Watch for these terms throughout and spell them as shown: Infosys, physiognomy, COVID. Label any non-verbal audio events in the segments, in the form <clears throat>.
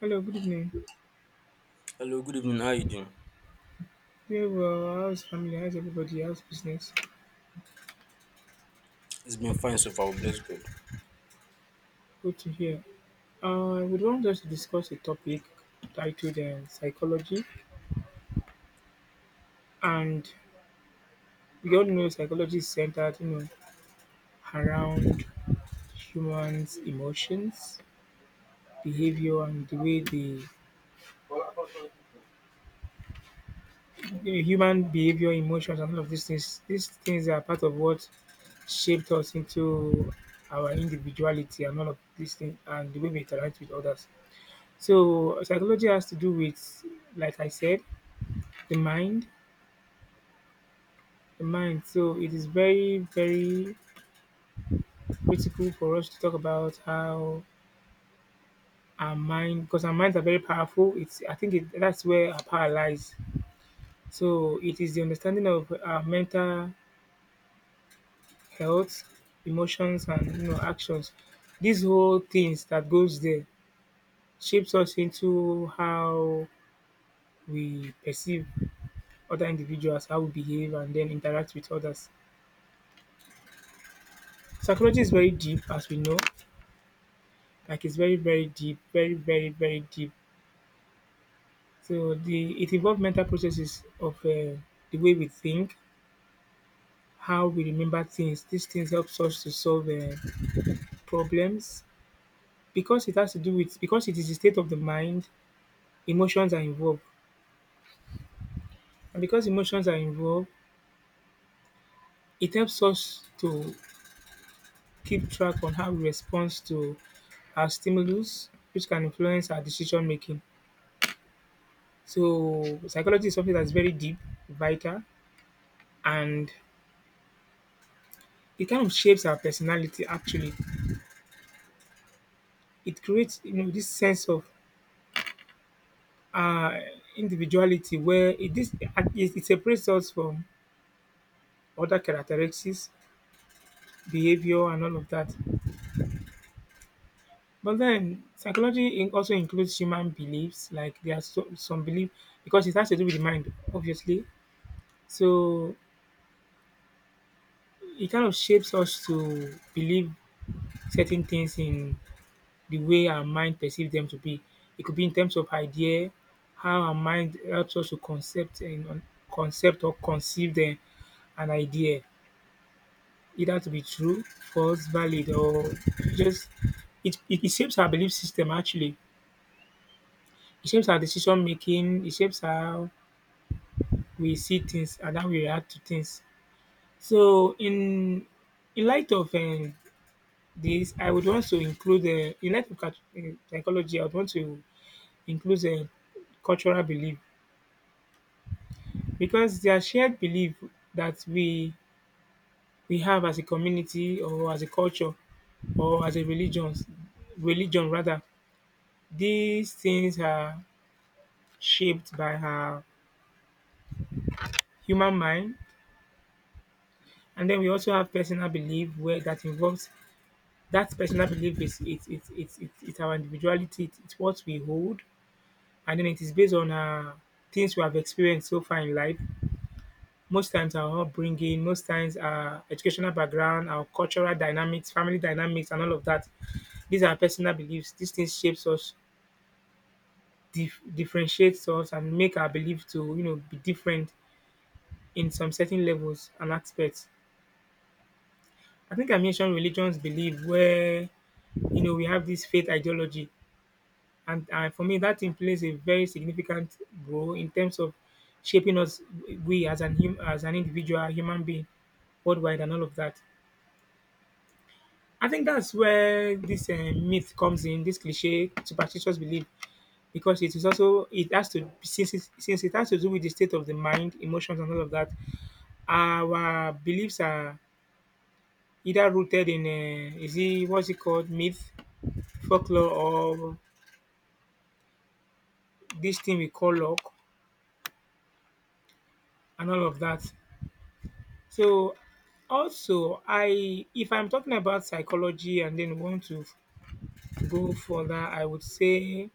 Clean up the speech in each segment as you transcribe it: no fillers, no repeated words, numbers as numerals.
Hello, good evening. Hello, good evening. How you doing? Yeah, well, how's family? How's everybody? How's business? It's been fine so far. Bless God. <laughs> Good to hear. I would want us to discuss a topic titled psychology, and we all know psychology is centered, you know, around humans' emotions, behavior, and the way the you know, human behavior, emotions, and all of these things. These things are part of what shaped us into our individuality and all of these things, and the way we interact with others. So psychology has to do with, like I said, the mind, the mind. So it is very, very critical for us to talk about how our mind, because our minds are very powerful. It's I think it, that's where our power lies. So it is the understanding of our mental health, emotions, and you know actions. These whole things that goes there shapes us into how we perceive other individuals, how we behave, and then interact with others. Psychology is very deep, as we know. Like it's very, very deep, very, very, very deep. So the it involves mental processes of the way we think, how we remember things. These things helps us to solve problems because it has to do with because it is the state of the mind. Emotions are involved, and because emotions are involved, it helps us to keep track on how we respond to our stimulus, which can influence our decision making. So psychology is something that's very deep, vital, and it kind of shapes our personality actually. It creates you know this sense of uh individuality where it separates us from other characteristics, behavior, and all of that. But then psychology also includes human beliefs, like there are some belief because it has to do with the mind obviously. So it kind of shapes us to believe certain things in the way our mind perceives them to be. It could be in terms of idea, how our mind helps us to concept or conceive them an idea, either to be true, false, valid, or just it shapes our belief system actually. It shapes our decision making, it shapes how we see things and how we react to things. So in light of this, I would want to include in light of cult- psychology. I would want to include cultural belief because their shared belief that we have as a community or as a culture or as a religion rather. These things are shaped by our human mind, and then we also have personal belief where that involves that personal belief. Is It's our individuality, it's what we hold, and then it is based on things we have experienced so far in life. Most times our upbringing, most times our educational background, our cultural dynamics, family dynamics, and all of that. These are personal beliefs. These things shapes us, differentiates us, and make our belief to you know be different in some certain levels and aspects. I think I mentioned religions belief where you know we have this faith ideology, and for me that thing plays a very significant role in terms of shaping us, we as as an individual human being worldwide and all of that. I think that's where this myth comes in, this cliche superstitious belief, because it is also it has to since since it has to do with the state of the mind, emotions, and all of that. Our beliefs are either rooted in is it what's it called myth, folklore, or this thing we call luck, and all of that. So also, I if I'm talking about psychology and then want to go further, I would say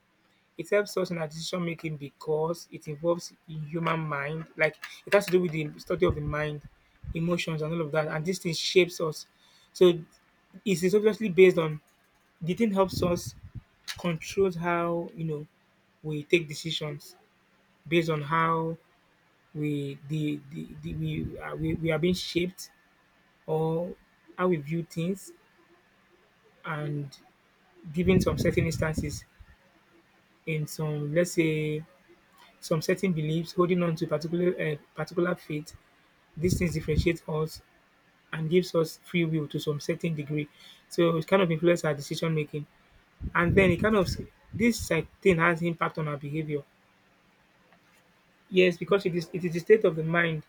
it helps us in our decision making because it involves human mind, like it has to do with the study of the mind, emotions, and all of that. And this thing shapes us. So it is obviously based on the thing helps us controls how you know we take decisions based on how we the we are being shaped or how we view things and given some certain instances in some, let's say, some certain beliefs, holding on to particular faith. These things differentiate us and gives us free will to some certain degree. So it kind of influences our decision making, and then it kind of this like, thing has impact on our behavior. Yes, because it is the state of the mind.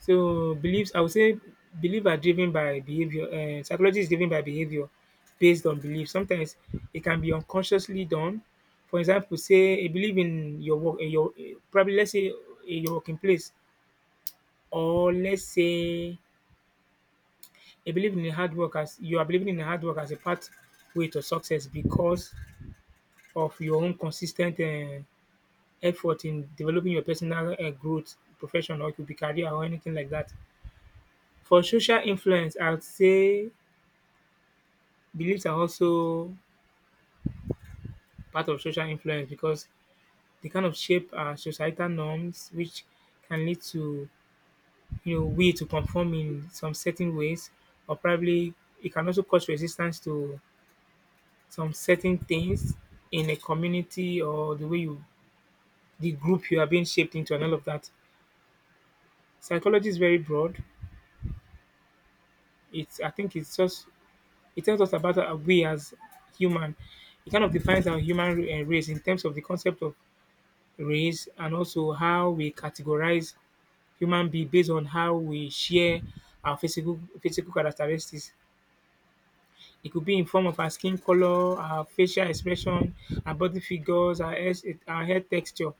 So beliefs, I would say, belief are driven by behavior. Psychology is driven by behavior based on belief. Sometimes it can be unconsciously done. For example, say a belief in your work, in your probably, let's say, in your working place, or let's say a belief in hard work, as you are believing in hard work as a pathway to success because of your own consistent effort in developing your personal growth, profession, or it could be career or anything like that. For social influence, I would say beliefs are also part of social influence because they kind of shape our societal norms, which can lead to you know we to conform in some certain ways, or probably it can also cause resistance to some certain things in a community or the group you are being shaped into and all of that. Psychology is very broad. It's I think it's just it tells us about our we as human. It kind of defines our race in terms of the concept of race, and also how we categorize human being based on how we share our physical characteristics. It could be in form of our skin color, our facial expression, our body figures, our hair texture,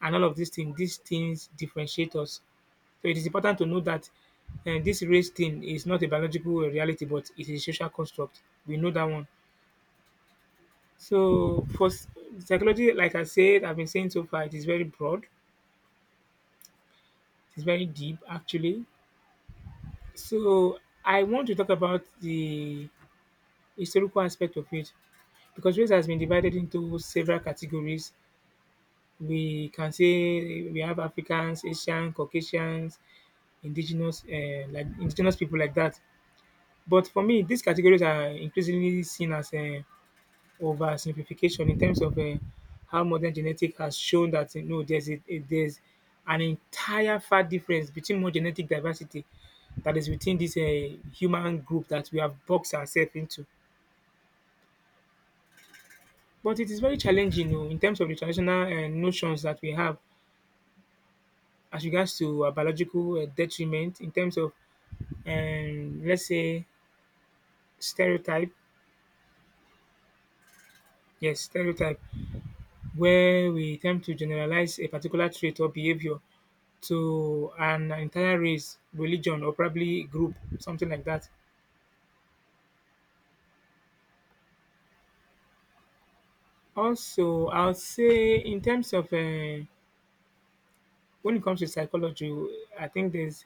and all of these things. These things differentiate us. So it is important to know that this race thing is not a biological reality, but it is a social construct. We know that one. So for psychology, like I said, I've been saying so far, it is very broad. It's very deep, actually. So I want to talk about the historical aspect of it because race has been divided into several categories. We can say we have Africans, Asian, Caucasians, indigenous people like that. But for me, these categories are increasingly seen as oversimplification in terms of how modern genetic has shown that you know there's an entire far difference between more genetic diversity that is within this human group that we have boxed ourselves into. But it is very challenging you know, in terms of the traditional notions that we have as regards to biological detriment in terms of, let's say, stereotype. Yes, stereotype, where we attempt to generalize a particular trait or behavior to an entire race, religion, or probably group, something like that. Also, I'll say in terms of when it comes to psychology, I think there's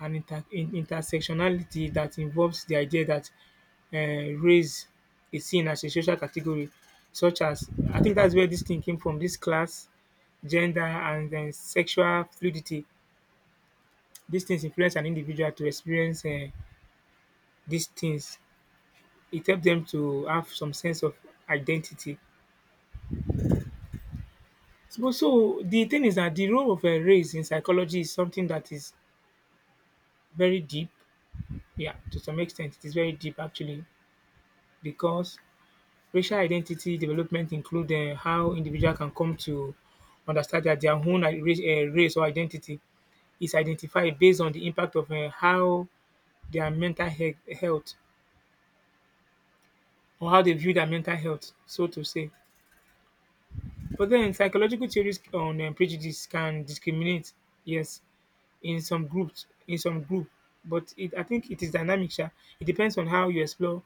and inter in intersectionality that involves the idea that race is seen as a social category, such as I think that's where this thing came from, this class, gender, and then sexual fluidity. These things influence an individual to experience these things. It helps them to have some sense of identity. So the thing is that the role of race in psychology is something that is very deep. Yeah, to some extent it is very deep actually, because racial identity development include how individual can come to understand that their own race or identity is identified based on the impact of how their health, or how they view their mental health, so to say. But then psychological theories on prejudice can discriminate, yes, in some groups, in some group. But I think it is dynamic. Sha. It depends on how you explore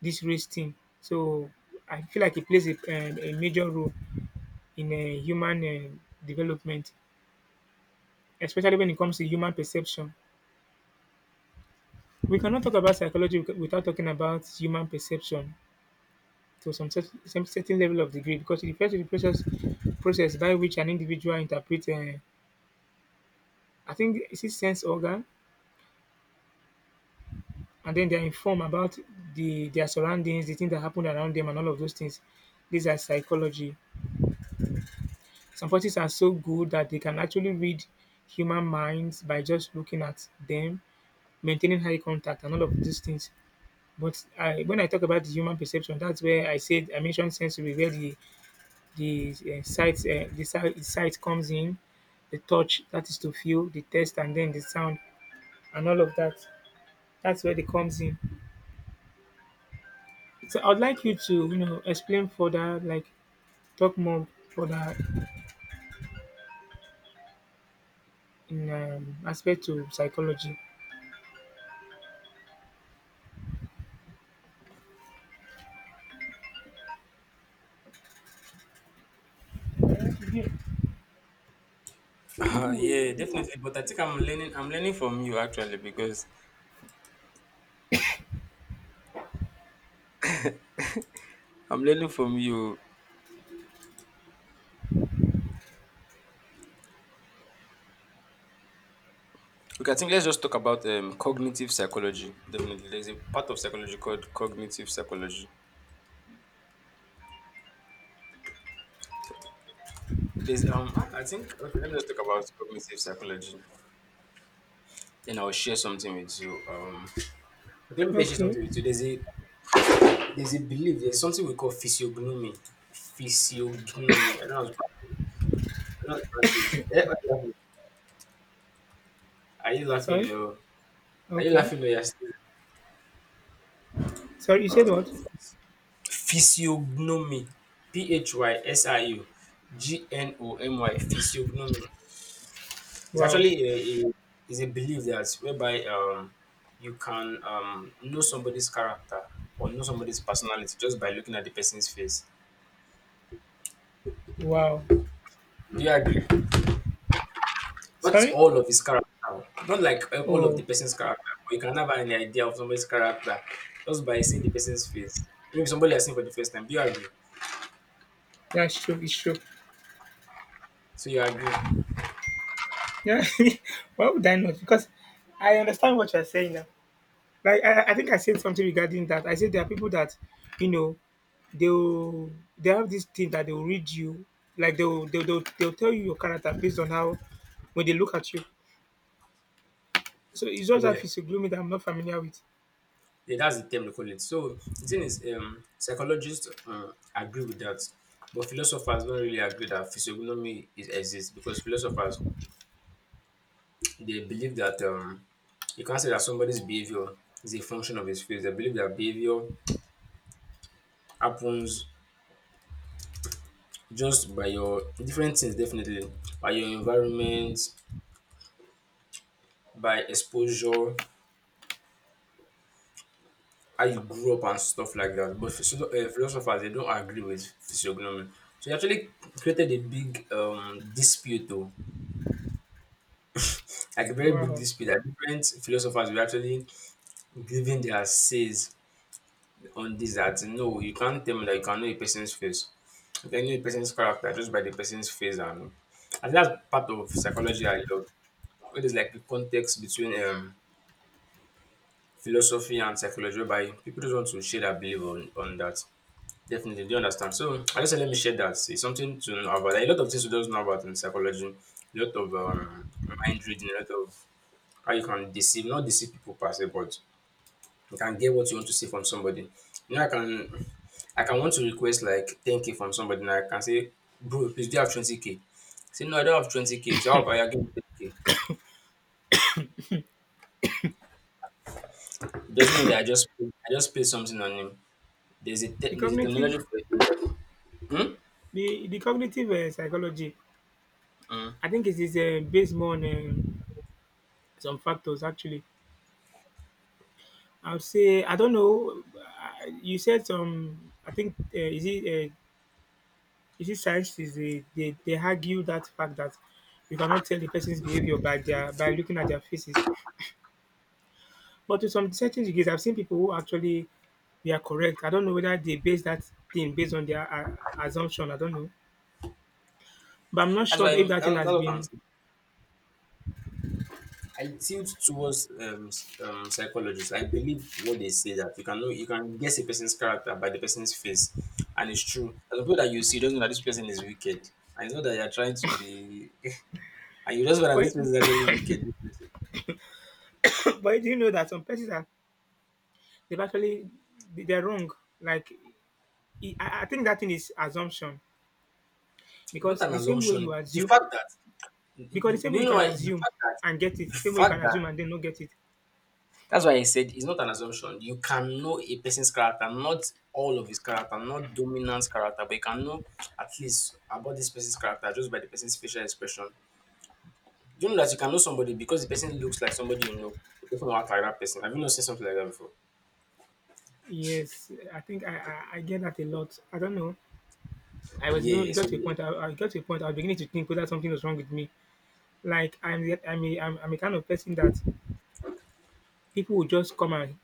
this race thing. So I feel like it plays a major role in a human development, especially when it comes to human perception. We cannot talk about psychology without talking about human perception to some, some certain level of degree, because it refers to the process by which an individual interprets, it's his sense organ, and then they're informed about their surroundings, the things that happen around them, and all of those things. These are psychology. Some forces are so good that they can actually read human minds by just looking at them, maintaining high contact, and all of these things. But I when I talk about the human perception, that's where I said I mentioned sensory, where the sight the sight comes in, the touch that is to feel, the taste, and then the sound, and all of that. That's where they comes in. So I'd like you to explain further, like talk more further in aspect to psychology. Yeah, definitely. But I think I'm learning. I'm learning from you actually because I'm learning from you. Okay, I think let's just talk about cognitive psychology. Definitely, there's a part of psychology called cognitive psychology. There's I think okay, let me just talk about cognitive psychology. Then I'll share something with you. Okay, let me share Okay. something with you. There's a belief. There's something we call physiognomy. Physiognomy. I don't know how to pronounce it. I don't know how to pronounce it. Eh, what do Are you Sorry. laughing, or Okay. You're still, Sorry, you said what? physiognomy? Physiugnomy, physiognomy. It's Wow. actually a is a belief that whereby you can know somebody's character, or know somebody's personality just by looking at the person's face. Wow. Do you agree? Not Sorry. all of his character, not like all of Oh, the person's character, but you can have an idea of somebody's character just by seeing the person's face. Maybe somebody has seen for the first time. Do you agree? yeah, it's true. It's true. So you agree? Yeah. <laughs> Why would I not? Because I understand what you're saying now. Like I think I said something regarding that. I said there are people that, you know, they'll they have this thing that they'll read you, like they'll tell you your character based on how when they look at you. So it's just Yeah. that it's a gloomy that I'm not familiar with. Yeah, that's the term they call it. So the thing is, psychologists agree with that, but philosophers don't really agree that physiognomy is, exists, because philosophers they believe that you can't say that somebody's behavior is a function of his face. They believe that behavior happens just by your different things, definitely by your environment, by exposure, how you grew up and stuff like that. But philosophers they don't agree with physiognomy. So it actually created a big dispute though. Like a very big Wow. dispute that different philosophers were actually giving their says on this, that no, you can't tell me that you can know a person's face. You can know a person's character just by the person's face, and that's part of psychology I love. It is like the context between philosophy and psychology by people just want to share their belief on that. Definitely, do you understand? So I just said let me share that. It's something to know about. A lot of things we don't know about in psychology. A lot of mind reading, a lot of how you can deceive, not deceive people per se, but you can get what you want to see from somebody. You know, I can want to request like 10k from somebody, and I can say, bro, please, do you have 20k? Say, no, I don't have 20k. So how about you give me 10k? He doesn't know that I just paid something on him. There's a The terminology cognitive for it. Hmm? the cognitive psychology, Hmm. I think it is based more on some factors actually. I'll say I don't know. You said some. I think is it you see, science is they argue that fact that you cannot tell the person's behavior by their by looking at their faces. But to some certain degrees, I've seen people who actually they are correct. I don't know whether they base that thing based on their assumption. I don't know, but I'm not That's sure why if I'm, that that, thing that's has what I'm been. saying. I tilt towards psychologists. I believe what they say, that you can know, you can guess a person's character by the person's face, and it's true. And the people that you see doesn't know that this person is wicked. I know that you're trying to be. <laughs> And you just realize that But this person is actually wicked. This person. <coughs> but do you know that some persons are they've actually they're wrong. Like I think that thing is assumption It's not because an the same way you assumption. The assume fact that because the same way you you know can why the assume fact that and get it, the same way you fact can that assume and then not get it. that's why I said it's not an assumption. You can know a person's character, not all of his character, not dominant character, but you can know at least about this person's character just by the person's facial expression. You know that you can know somebody because the person looks like somebody you know. The person will act like that person. Have you not seen something like that before? Yes, I think I get that a lot. I don't know. I was even it Yeah. got to a point. I got to a point. I was beginning to think whether something was wrong with me. Like I'm I'm a kind of person that people will just come and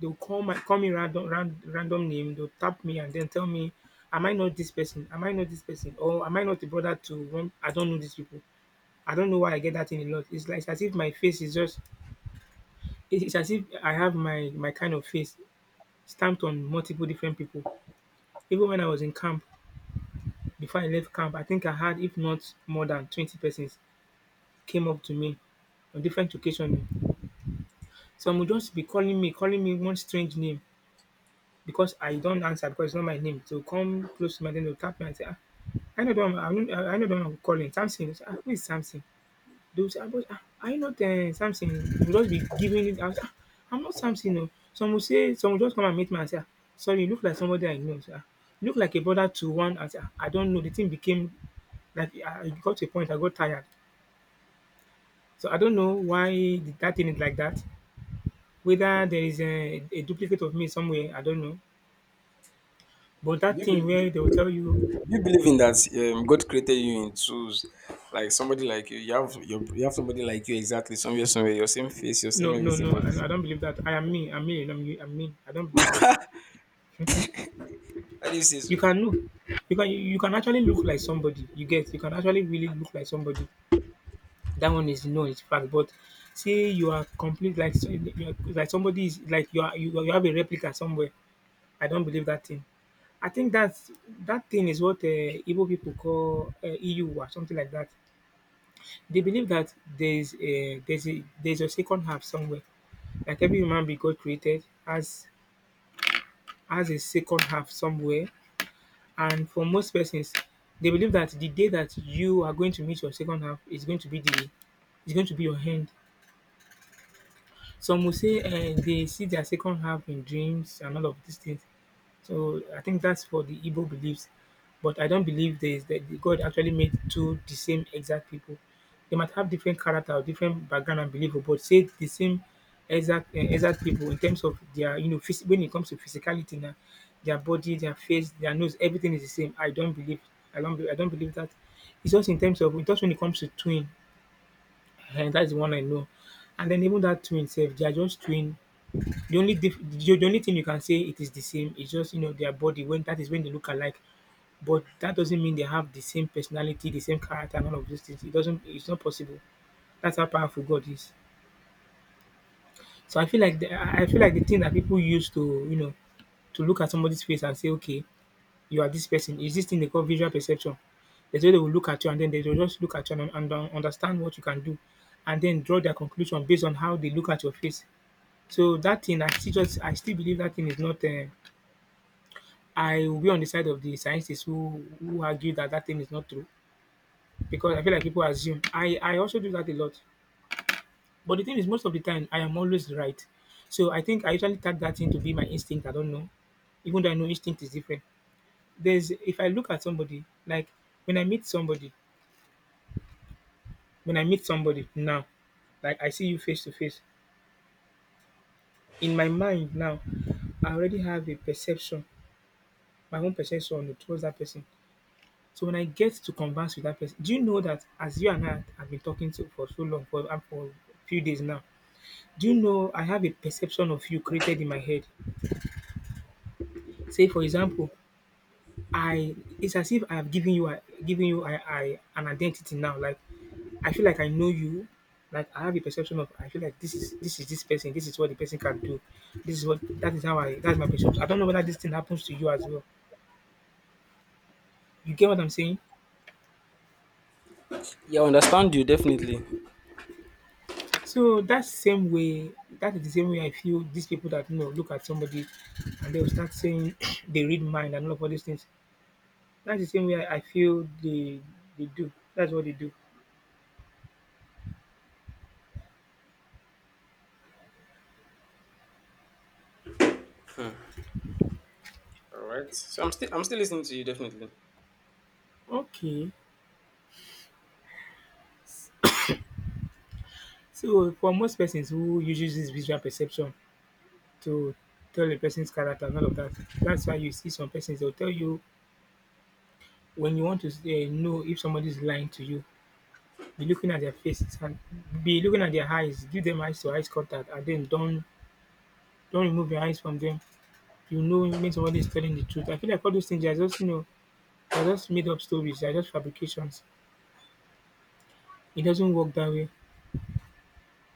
they'll call my call me random random name. They'll tap me and then tell me, am I not this person? Am I not this person? Or am I not the brother to one? I don't know these people. I don't know why I get that in a lot. It's like it's as if my face is just. It's as if I have my my kind of face stamped on multiple different people. Even when I was in camp before I left camp, I think I had, if not more than 20 persons, came up to me on different occasions. Some would just be calling me one strange name because I don't answer because it's not my name. So come close to my name, they'll tap me and say, ah, I know the one I'm calling, Samson. I'll say, ah, who is Samson? They will say, "Ah, but, ah, are you not Samson? They'll just be giving it out. Ah, I'm not Samson. No. Some will just come and meet me and say, "Ah, sorry, you look like somebody I know. Say, "Ah, you look like a brother to one. I say, "Ah, I don't know. The thing became like I got to a point, I got tired. So I don't know why that thing is like that. Whether there is a duplicate of me somewhere, I don't know. But Do that you thing believe? where they will tell you, Do you believe in that God created you in twos, like somebody like you? You have somebody like you exactly somewhere, your same face, your same no, no, everything. no, But I don't believe that. I am me. I'm me. And I'm you. I'm me. I don't believe so. Mhm. how do you say so? You can know. You can actually look like somebody. You get. You can actually really look like somebody. That one is no, it's fact. But say you are complete like you are, like somebody is like you are you, you have a replica somewhere. I don't believe that thing. I think that thing is what Igbo people call EU or something like that. They believe that there's a second half somewhere. Like every human being God created has a second half somewhere, and for most persons, they believe that the day that you are going to meet your second half is going to be your hand. Some will say they see their second half in dreams and all of these things. So I think that's for the Igbo beliefs. But I don't believe there is that God actually made two the same exact people. They might have different character, or different background and belief, but say the same exact exact people in terms of their when it comes to physicality now, their body, their face, their nose, everything is the same. I don't believe. I don't. I don't believe that. It's just in terms of just when it comes to twin, and that's the one I know. And then even that twin itself, they are just twin the only thing you can say it is the same is just, you know, their body when that is when they look alike. But that doesn't mean they have the same personality, the same character, and all of those things. It's not possible. That's how powerful God is. So I feel like the I feel like the thing that people use to, you know, to look at somebody's face and say, okay, you are this person, is this thing they call visual perception. There's way they will look at you and then they will just look at you and, understand what you can do and then draw their conclusion based on how they look at your face. So that thing, I still believe that thing is not, I will be on the side of the scientists who argue that that thing is not true because I feel like people assume. I also do that a lot, but the thing is, most of the time I am always right. So I think I usually tag that thing to be my instinct. I don't know, even though I know instinct is different. There's if I look at somebody like when I meet somebody, when I meet somebody now, like I see you face to face. In my mind now, I already have a perception, my own perception towards that person. So when I get to converse with that person, do you know that as you and I have been talking to for so long, for a few days now, do you know I have a perception of you created in my head? Say for example, I it's as if I have given I an identity now. Like I feel like I know you. Like I have a perception of I feel like this person. This is what the person can do. This is what that's my perception. I don't know whether this thing happens to you as well. You get what I'm saying? Yeah, I understand you, definitely. All So that same way, that is the same way I feel these people that you know look at somebody and they'll start saying <clears throat> they read mind and all these things. That's the same way I feel they do. That's what they do. right. So I'm still listening to you, definitely. Okay. So for most persons who uses this visual perception to tell a person's character and all of that, that's why you see some persons they'll tell you when you want to know if somebody's lying to you, be looking at their faces and be looking at their eyes, give them eyes to eyes contact and then don't remove your eyes from them you know when somebody is telling the truth. I feel like all those things they are just you know they are just made up stories. They are just fabrications. It doesn't work that way.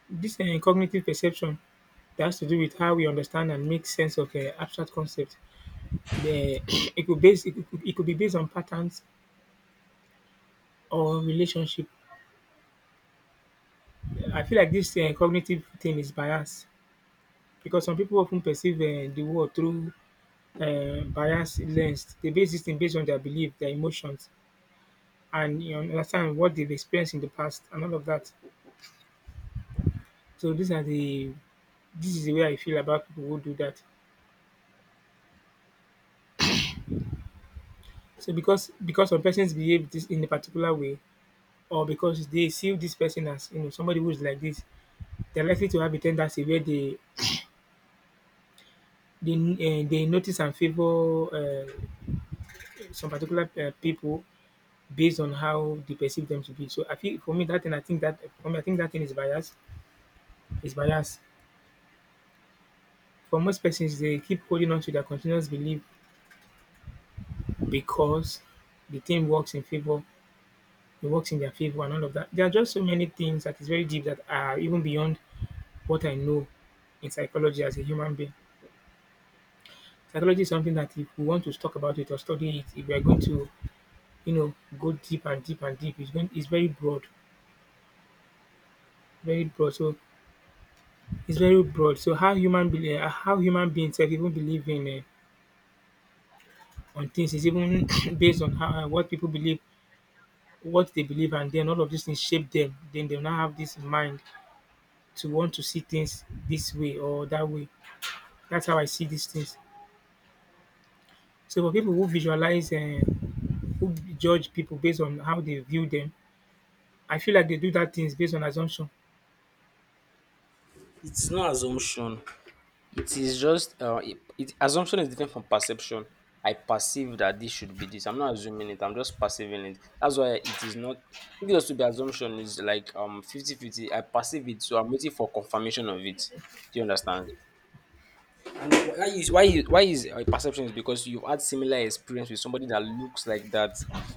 This cognitive perception that has to do with how we understand and make sense of abstract concepts. <clears throat> It could be based on patterns or relationship. I feel like this cognitive thing is biased because some people often perceive the world through biased lens. They base this thing based on their belief, their emotions, and you know, understand what they've experienced in the past and all of that. So these are the this is the way I feel about people who do that. So because some persons behave this in a particular way, or because they see this person as you know somebody who is like this, they're likely to have a tendency where they they notice and favor some particular people based on how they perceive them to be. So I feel for me that thing I think that for me I think that thing is bias is bias. For most persons, they keep holding on to their continuous belief because the thing works in favor it works in their favor and all of that. There are just so many things that is very deep that are even beyond what I know in psychology as a human being. Psychology is something that if we want to talk about it or study it, if we are going to, go deep and deep and deep, it's very broad, very broad. So it's very broad. So how human beings have even believe in on things is even <coughs> <clears throat> based on how what people believe, what they believe, and then all of these things shape them. Then they will now have this mind to want to see things this way or that way. That's how I see these things. So for people who visualize and who judge people based on how they view them, I feel like they do that things based on assumption. It's not assumption. It is just assumption is different from perception. I perceive that this should be this. I'm not assuming it. I'm just perceiving it. That's why it is not. If it was to be assumption, is like 50/50. I perceive it, so I'm waiting for confirmation of it. Do you understand? And why is why is why is a perception is because you've had similar experience with somebody that looks like that.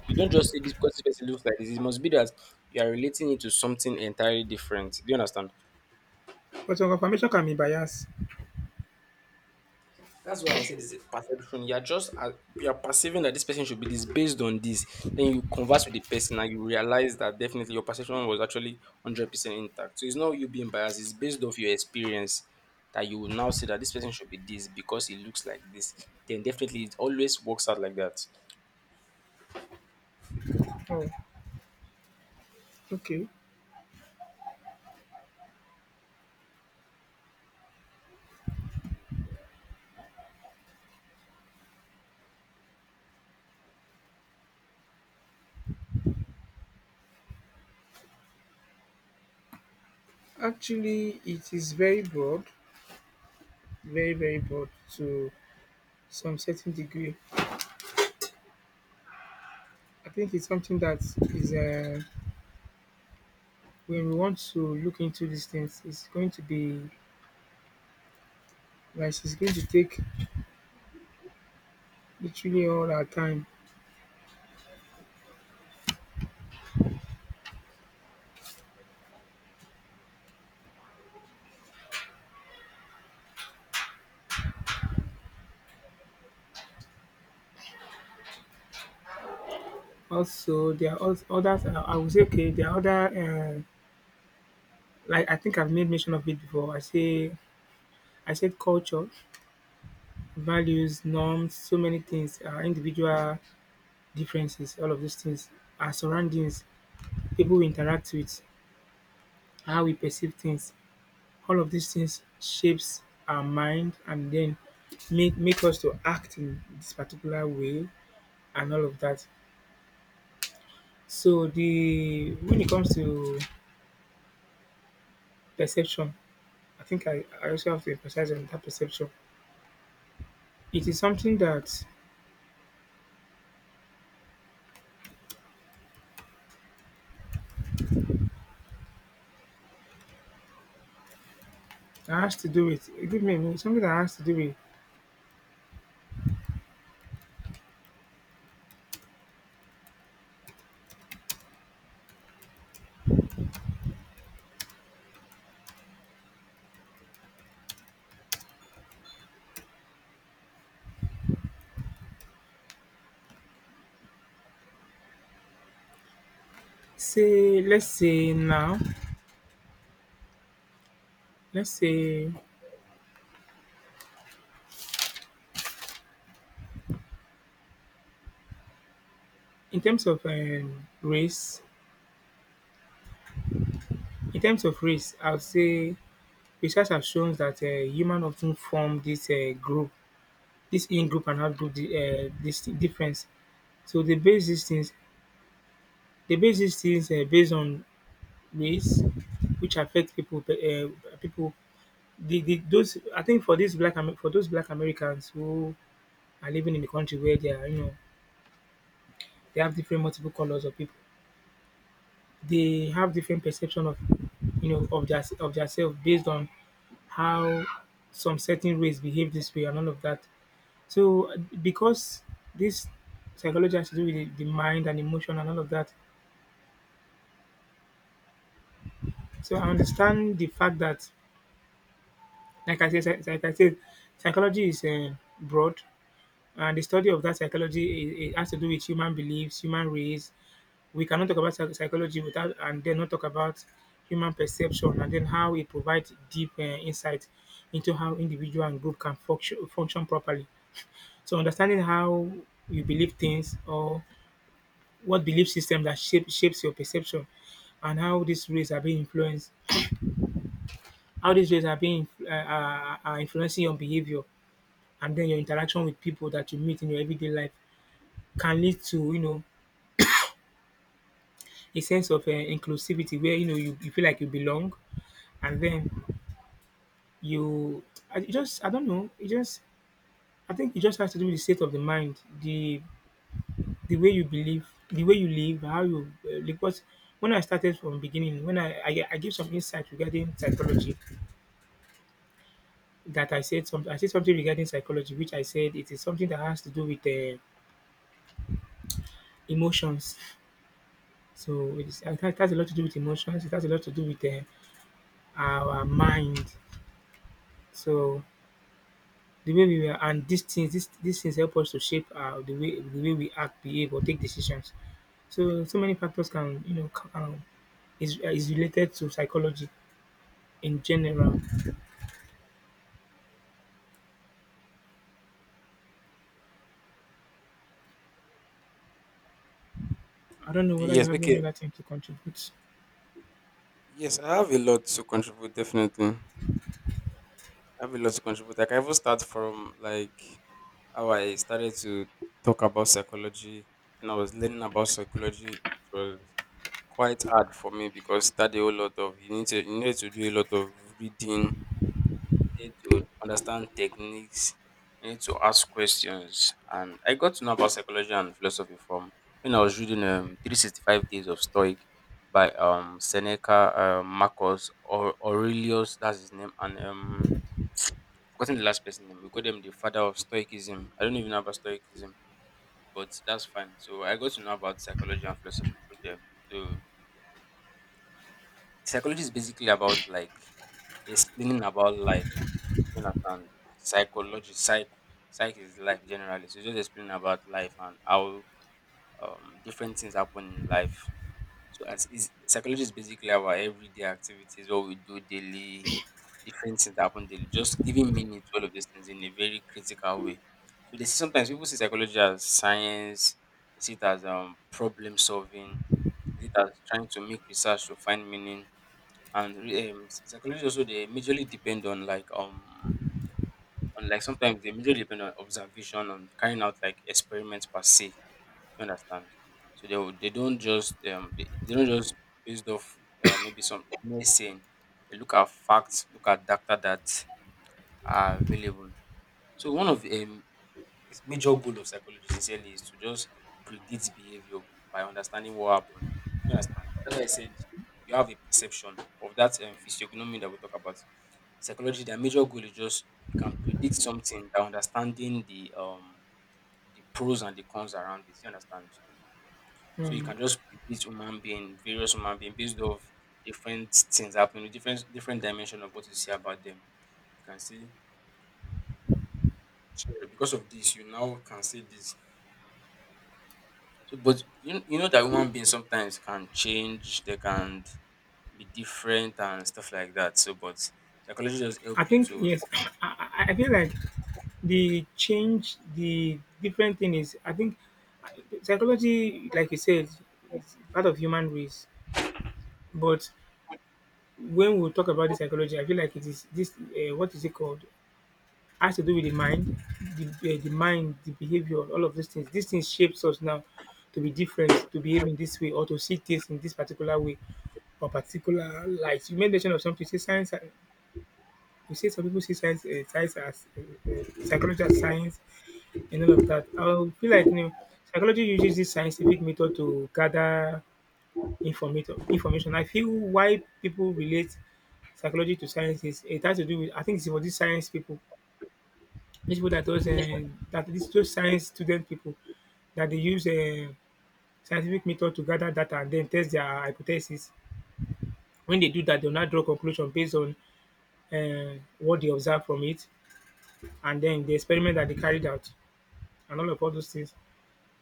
You don't just say this because this person looks like this. It must be that you are relating it to something entirely different. Do you understand? But some confirmation can be biased. That's why I said it's a perception. You're just you're perceiving that this person should be this based on this. Then you converse with the person and you realize that definitely your perception was actually 100% intact. So it's not you being biased. It's based off your experience that you will now say that this person should be this because he looks like this. Then definitely it always works out like that. Oh, okay. Actually, it is very broad, very very broad to some certain degree. I think it's something that is when we want to look into these things, it's going to take literally all our time. Also, there are als- other. I would say okay, there are other. Uh, like I think I've made mention of it before. I said culture, values, norms, so many things, individual differences, all of these things, our surroundings, people we interact with, how we perceive things, all of these things shapes our mind and then make us to act in this particular way and all of that. So the when it comes to perception, I think I also have to emphasize on that perception. It is something that has to do with, give me a minute, something that has to do with, say let's say now let's say in terms of race, I would say research has shown that human often form this group this in-group and this difference. So they base these things based on race, which affect people people the those, I think, for for those black Americans who are living in the country where they are you know they have different multiple colors of people. They have different perception of, of their, of their self based on how some certain race behave this way and all of that. So because this psychology has to do with the mind and emotion and all of that. So I understand the fact that, like I said, psychology is broad, and the study of that psychology, it has to do with human beliefs, human race. We cannot talk about psychology without and then not talk about human perception and then how it provides deep insight into how individual and group can function, function properly. So understanding how you believe things or what belief system that shapes your perception, and how these rays are being, uh, are influencing your behavior, and then your interaction with people that you meet in your everyday life can lead to, a sense of inclusivity where, you feel like you belong, and then you I it just, I don't know. It just I think it just has to do with the state of the mind, the way you believe, the way you live, how because when I started from beginning, when I give some insight regarding psychology, that I said something regarding psychology, which I said it is something that has to do with emotions. So it has a lot to do with emotions. It has a lot to do with our mind. So The way we were and these things, these things help us to shape our the way we act, behave, or take decisions. So so many factors can, is related to psychology in general. I don't know whether you Yes, have any okay. other thing to contribute. Yes, I have a lot to contribute, definitely. I have a lot to contribute. Like, I can even start from like how I started to talk about psychology, and I was learning about psychology. It was quite hard for me, because study a whole lot of you need to do a lot of reading, need to understand techniques, you need to ask questions. And I got to know about psychology and philosophy from when I was reading 365 Days of Stoic by Seneca, Marcus, or Aurelius, that's his name, and forgotten the last person name. We call them the father of Stoicism. I don't even know about Stoicism, but that's fine. So I got to know about psychology and philosophy through them. So psychology is basically about, like, explaining about life. You understand? Psychology, psych, Psych is life generally. So just explaining about life and how different things happen in life. So as is, psychology is basically our everyday activities, what we do daily, different things that happen daily. Just giving meaning to all of these things in a very critical way. So they see sometimes people see psychology as science, they see it as problem solving, they see it as trying to make research to find meaning. And psychology also, they majorly depend on like and like sometimes they majorly depend on observation and carrying out like experiments per se. Do you understand? So they don't just based off maybe some mere saying. They look at facts, look at data that are available. So one of its major goal of psychology sincerely is to just predict behavior by understanding what happened. You understand? That's why I said you have a perception of that physiognomy that we talk about. Psychology, their major goal is just you can predict something by understanding the pros and the cons around it. You understand? So you Um, can just predict human being, various human being based off different things happening, different dimension of what you see about them. You can say, sorry, because of this, you now can say this. So, but you know that human beings sometimes can change, they can be different and stuff like that. So, but psychology just help I you think to. yes. <coughs> <clears throat> I feel like the change, the different thing is. I think, uh, psychology, like you said, is part of human race. But when we talk about the psychology, I feel like it is this. What is it called? Has to do with the mind, the mind, the behavior, all of these things. These things shapes us now to be different, to behave in this way, or to see things in this particular way or particular light. You made mention of something. Say science. You say some people see science as psychology as science and all of that. I feel like, you know, psychology uses this scientific method to gather information. Information. I feel why people relate psychology to science is it has to do with. I think it's for these science people, these people that does that these those science student people that they use scientific method to gather data and then test their hypothesis. When they do that, they'll not draw conclusion based on what they observe from it and then the experiment that they carried out and all those things.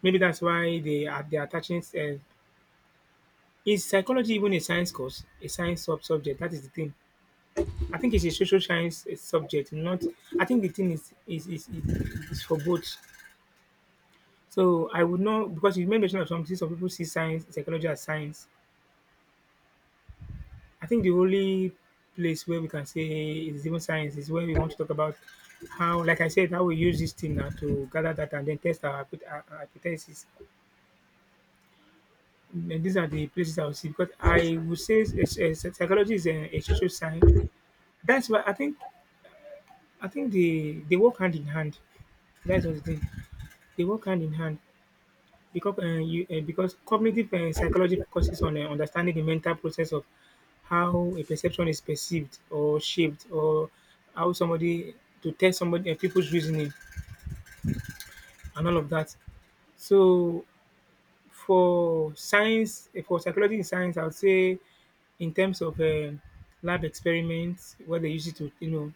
Maybe that's why they are attaching. Is psychology even a science course, a science subject? That is the thing. I think it's a social science subject. Not. I think the thing is for both. So I would not, because you made mention of something. Some people see psychology as science. I think the only place where we can say it's even science is when we want to talk about how, like I said, how we use this thing now to gather data and then test our our hypothesis. And these are the places I would see, because I would say psychology is a social science. That's why I think they work hand in hand. That's what the thing. They work hand in hand. Because, because cognitive psychology focuses on understanding the mental process of how a perception is perceived or shaped, or how somebody to test somebody, people's reasoning and all of that. So for for psychology in science, I would say in terms of lab experiments, where they use it to, you know,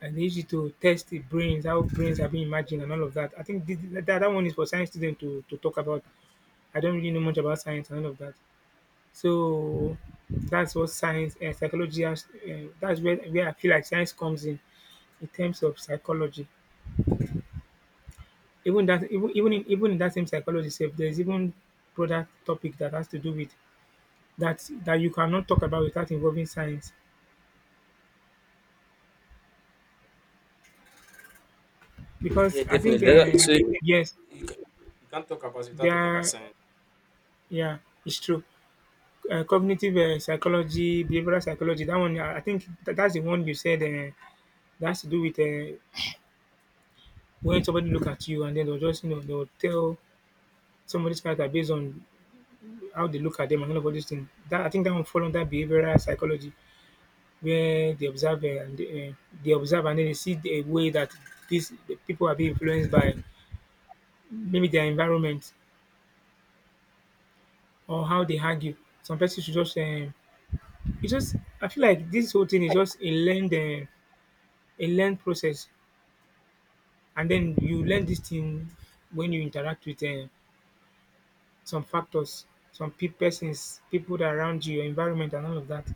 and they use it to test the brains, how brains are being imagined and all of that. I think that one is for science students to, talk about. I don't really know much about science and all of that. So that's what science and psychology has. That's where I feel like science comes in terms of psychology. Even that even even in, Even in that same psychology itself, there's even broader topic that has to do with that that you cannot talk about without involving science, because Yeah, I definitely. think, So yes, you ca- you can't talk about it without there talking about are- science. yeah, it's true. Cognitive psychology, behavioral psychology. That one, I think that's the one you said, that has to do with, when somebody look at you and then they'll just, they'll tell somebody's character based on how they look at them and all these things. That, I think, that one fall under behavioral psychology, where they observe and then they see the way that the people are being influenced by maybe their environment or how they argue. Some persons should just, it just I feel like this whole thing is just a learned process, and then you learn this thing when you interact with, some factors, some persons, people that around you, your environment, and all of that.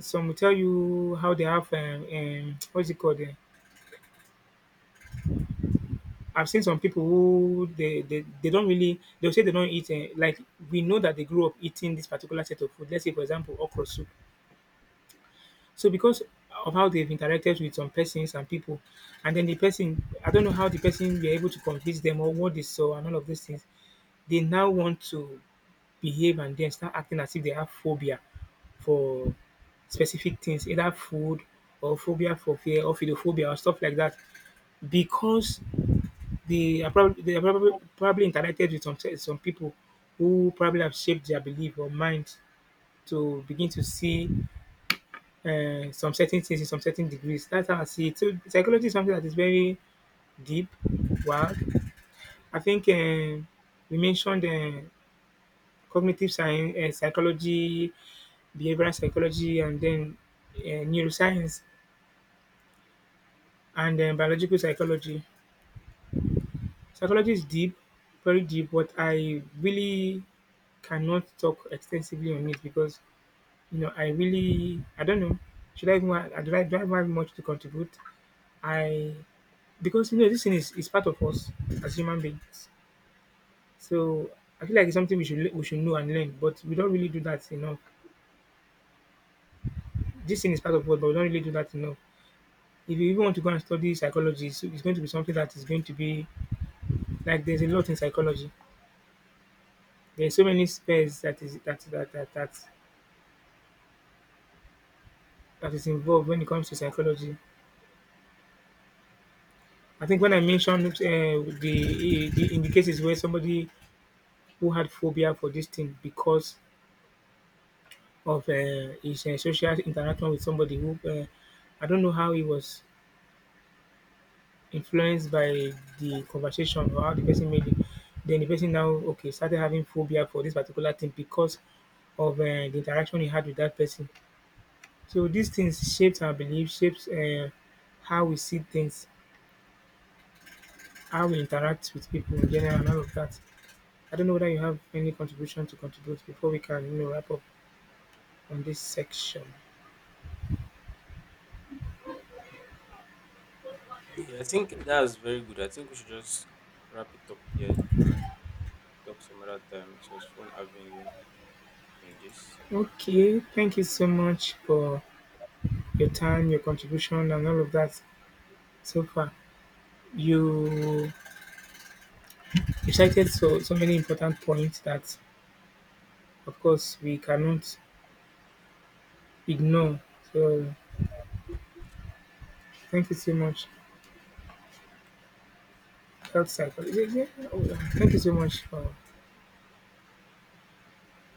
Some will tell you how they have, <tsk> what's it called? I've seen some people who they don't really, they'll say they don't eat, like we know that they grew up eating this particular set of food. Let's say, for example, okra soup. So because of how they've interacted with some persons and people, and then the person, I don't know how the person were able to convince them or what they saw and all of these things. They now want to behave and then start acting as if they have phobia for specific things, either food or phobia for fear or phobophobia or stuff like that. Because they are probably probably interacted with some people who probably have shaped their belief or mind to begin to see, some certain things in some certain degrees. That's how I see it. So psychology is something that is very deep. Wow, I think, we mentioned, cognitive science, psychology, behavioral psychology, and then, neuroscience and, biological psychology. Psychology is deep, very deep. But I really cannot talk extensively on it, because, you know, I don't know, should I even, do I even have much to contribute? I, because, you know, this thing is part of us as human beings. So I feel like it's something we should, we should know and learn, but we don't really do that enough. This thing is part of us, but we don't really do that enough. If you even want to go and study psychology, so it's going to be something that is going to be like there's a lot in psychology. There's so many spheres that is that that that that, that is involved when it comes to psychology. I think when I mentioned, the in the cases where somebody who had phobia for this thing because of, his, social interaction with somebody who, I don't know how he was influenced by the conversation or how the person made it. Then the person now, okay, started having phobia for this particular thing because of, the interaction he had with that person. So these things shapes our beliefs, shapes, how we see things, how we interact with people in general, and all of that. I don't know whether you have any contribution to contribute before we can, wrap up on this section. Yeah, I think that's very good. I think we should just wrap it up here and talk some other time. So it was fun having you on this. Okay, thank you so much for your time, your contribution, and all of that so far. You you cited so many important points that, of course, we cannot ignore. So thank you so much. Health cycle. Oh, yeah. Thank you so much for